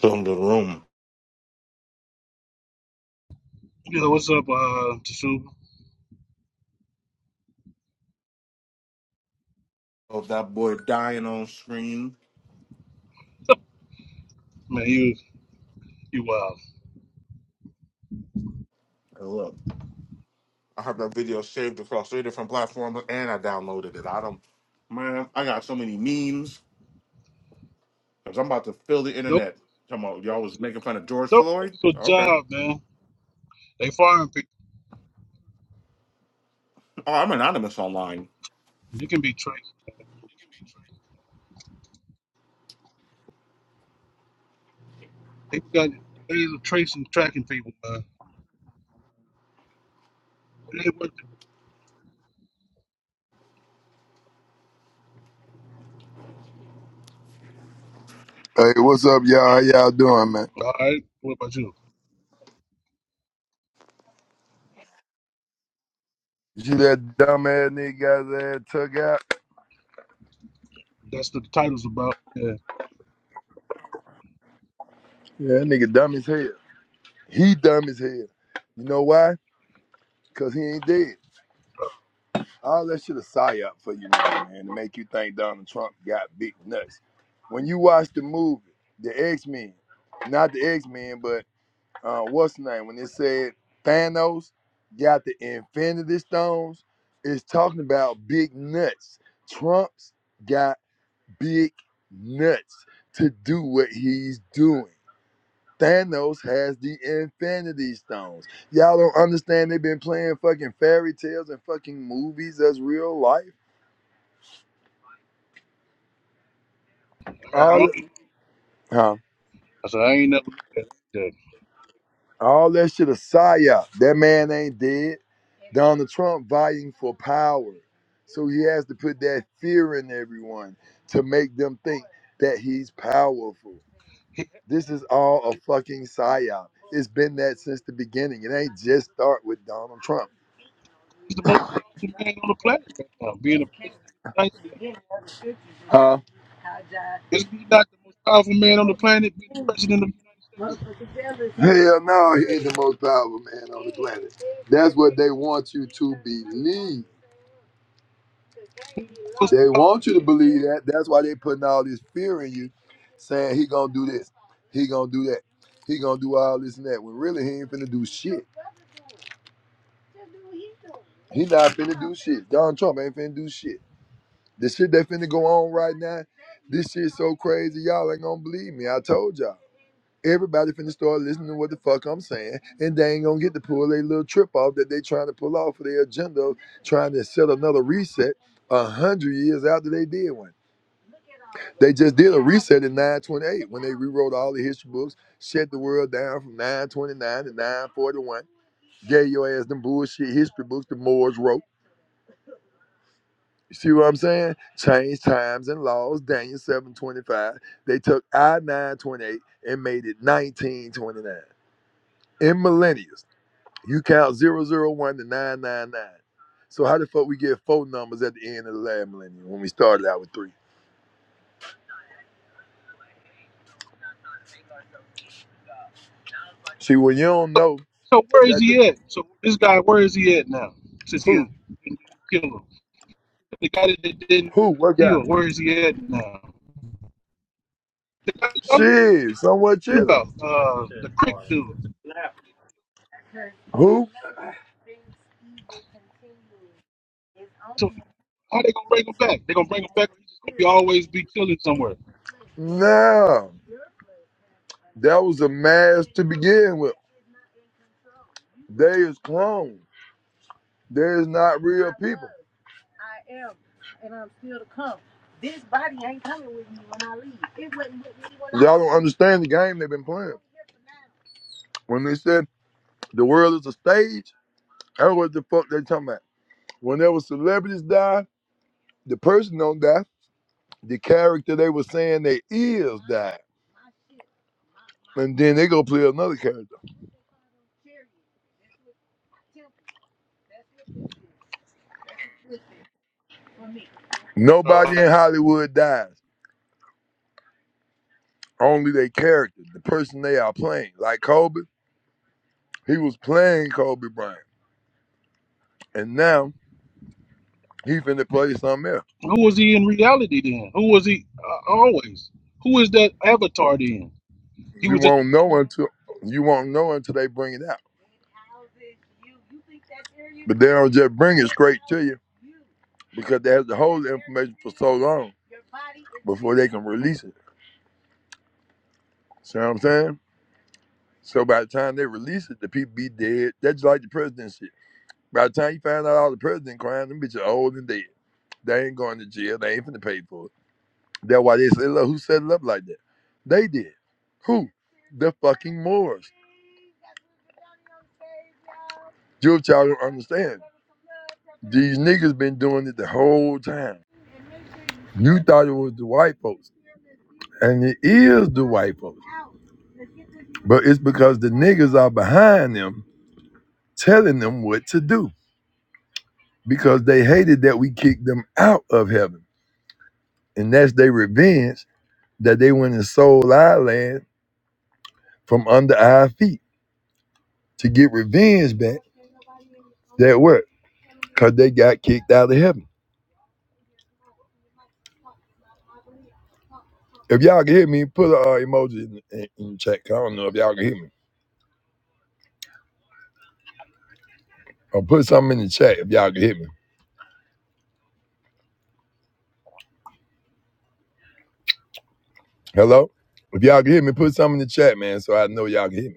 from the room Yeah, what's up, uh, Tasuba? of that boy dying on screen. Man, you you wild. And look, I have that video saved across three different platforms, and I downloaded it. I don't, man, I got so many memes because I'm about to fill the Don't internet. Come on, y'all was lose, making fun of George don't lose Floyd. your Okay, job, man. They firing people. oh, I'm anonymous online. You can be traced. People got ways of tracing, tracking people, man. It ain't worth it. Hey, what's up, y'all? How y'all doing, man? All right, what about you? You see that dumb ass nigga got his ass took out? That's what the title's about. Yeah. Yeah, that nigga dumb as hell. He dumb as hell. You know why? Cause he ain't dead. All that shit a psyop for you, nigga, man, to make you think Donald Trump got big nuts. When you watch the movie, the X Men, not the X Men, but uh, what's the name? When it said Thanos got the Infinity Stones, it's talking about big nuts. Trump's got big nuts to do what he's doing. Thanos has the Infinity Stones. Y'all don't understand. They've been playing fucking fairy tales and fucking movies as real life. Yeah, I, don't, All huh? I said I ain't never looked at it like that. All that shit a psyop. That man ain't dead. Donald Trump vying for power, so he has to put that fear in everyone to make them think that he's powerful. He- This is all a fucking psyop. It's been that since the beginning. It ain't just start with Donald Trump. He's the most powerful man on the planet right now, being the president of the United States. Huh? Is he not the most powerful man on the planet, being the president of the United States? Hell no, he ain't the most powerful man on the planet. That's what they want you to believe. Who's the most They powerful want man? you to believe that. That's why they putting all this fear in you, saying he gonna do this, he gonna do that, he gonna do all this and that. When really he ain't finna do shit. He not finna do shit. Donald Trump ain't finna do shit. The shit that finna go on right now, this shit's so crazy, y'all ain't gonna believe me. I told y'all. Everybody finna start listening to what the fuck I'm saying, and they ain't gonna get to pull their little trip off that they trying to pull off for their agenda of trying to set another reset a hundred years after they did one. They just did a reset in 928 when they rewrote all the history books, shut the world down from 929 to 941, gave your ass them bullshit history books the Moors wrote. You see what I'm saying? Change times and laws. Daniel 7:25. They took I 928 and made it 1929. In millennials, you count zero zero one to 999. So how the fuck we get four numbers at the end of the last millennium when we started out with three? See, when you don't know So where is that the he at? So this guy, where is he at now? Since he uh, who didn't kill him, the guy that didn't who what kill, guy? where is he at now? The guy you're talking Shit, somewhat chillin'. about, uh, the crick dude. Who? So how they gonna bring him back? They gonna bring him back, or he's just gonna be always be killing somewhere? No, that was a mask to begin with. They is clones. There is not real people. Y'all don't understand the game they've been playing. When they said the world is a stage, that's what the fuck they talking about. Whenever celebrities die, the person don't die. The character they were saying they is died. And then they go play another character. Nobody Uh, in Hollywood dies. Only their character, the person they are playing. Like Kobe, he was playing Kobe Bryant. And now he finna play something else. who was he in reality then? Who was he uh, always? Who is that avatar then? He You was just won't know until you won't know until they bring it out. But they don't just bring it straight to you because they have to hold the information for so long before they can release it. See what I'm saying? So by the time they release it, the people be dead. That's just like the president shit. By the time you find out all the president crimes, them bitches old and dead. They ain't going to jail. They ain't finna pay for it. That's why they said, look, who set it up like that? They did. Who? The fucking Moors. Jewish child don't understand. These niggas been doing it the whole time. You thought it was the white folks, and it is the white folks. But it's because the niggas are behind them telling them what to do because they hated that we kicked them out of heaven. And that's their revenge that they went and sold our land from under our feet to get revenge back that what? Because they got kicked out of heaven. If y'all can hear me, put a uh, emoji in, in, in the chat. 'cause I don't know if y'all can hear me. Or put something in the chat if y'all can hear me. Hello? If y'all can hear me, put something in the chat, man, so I know y'all can hear me.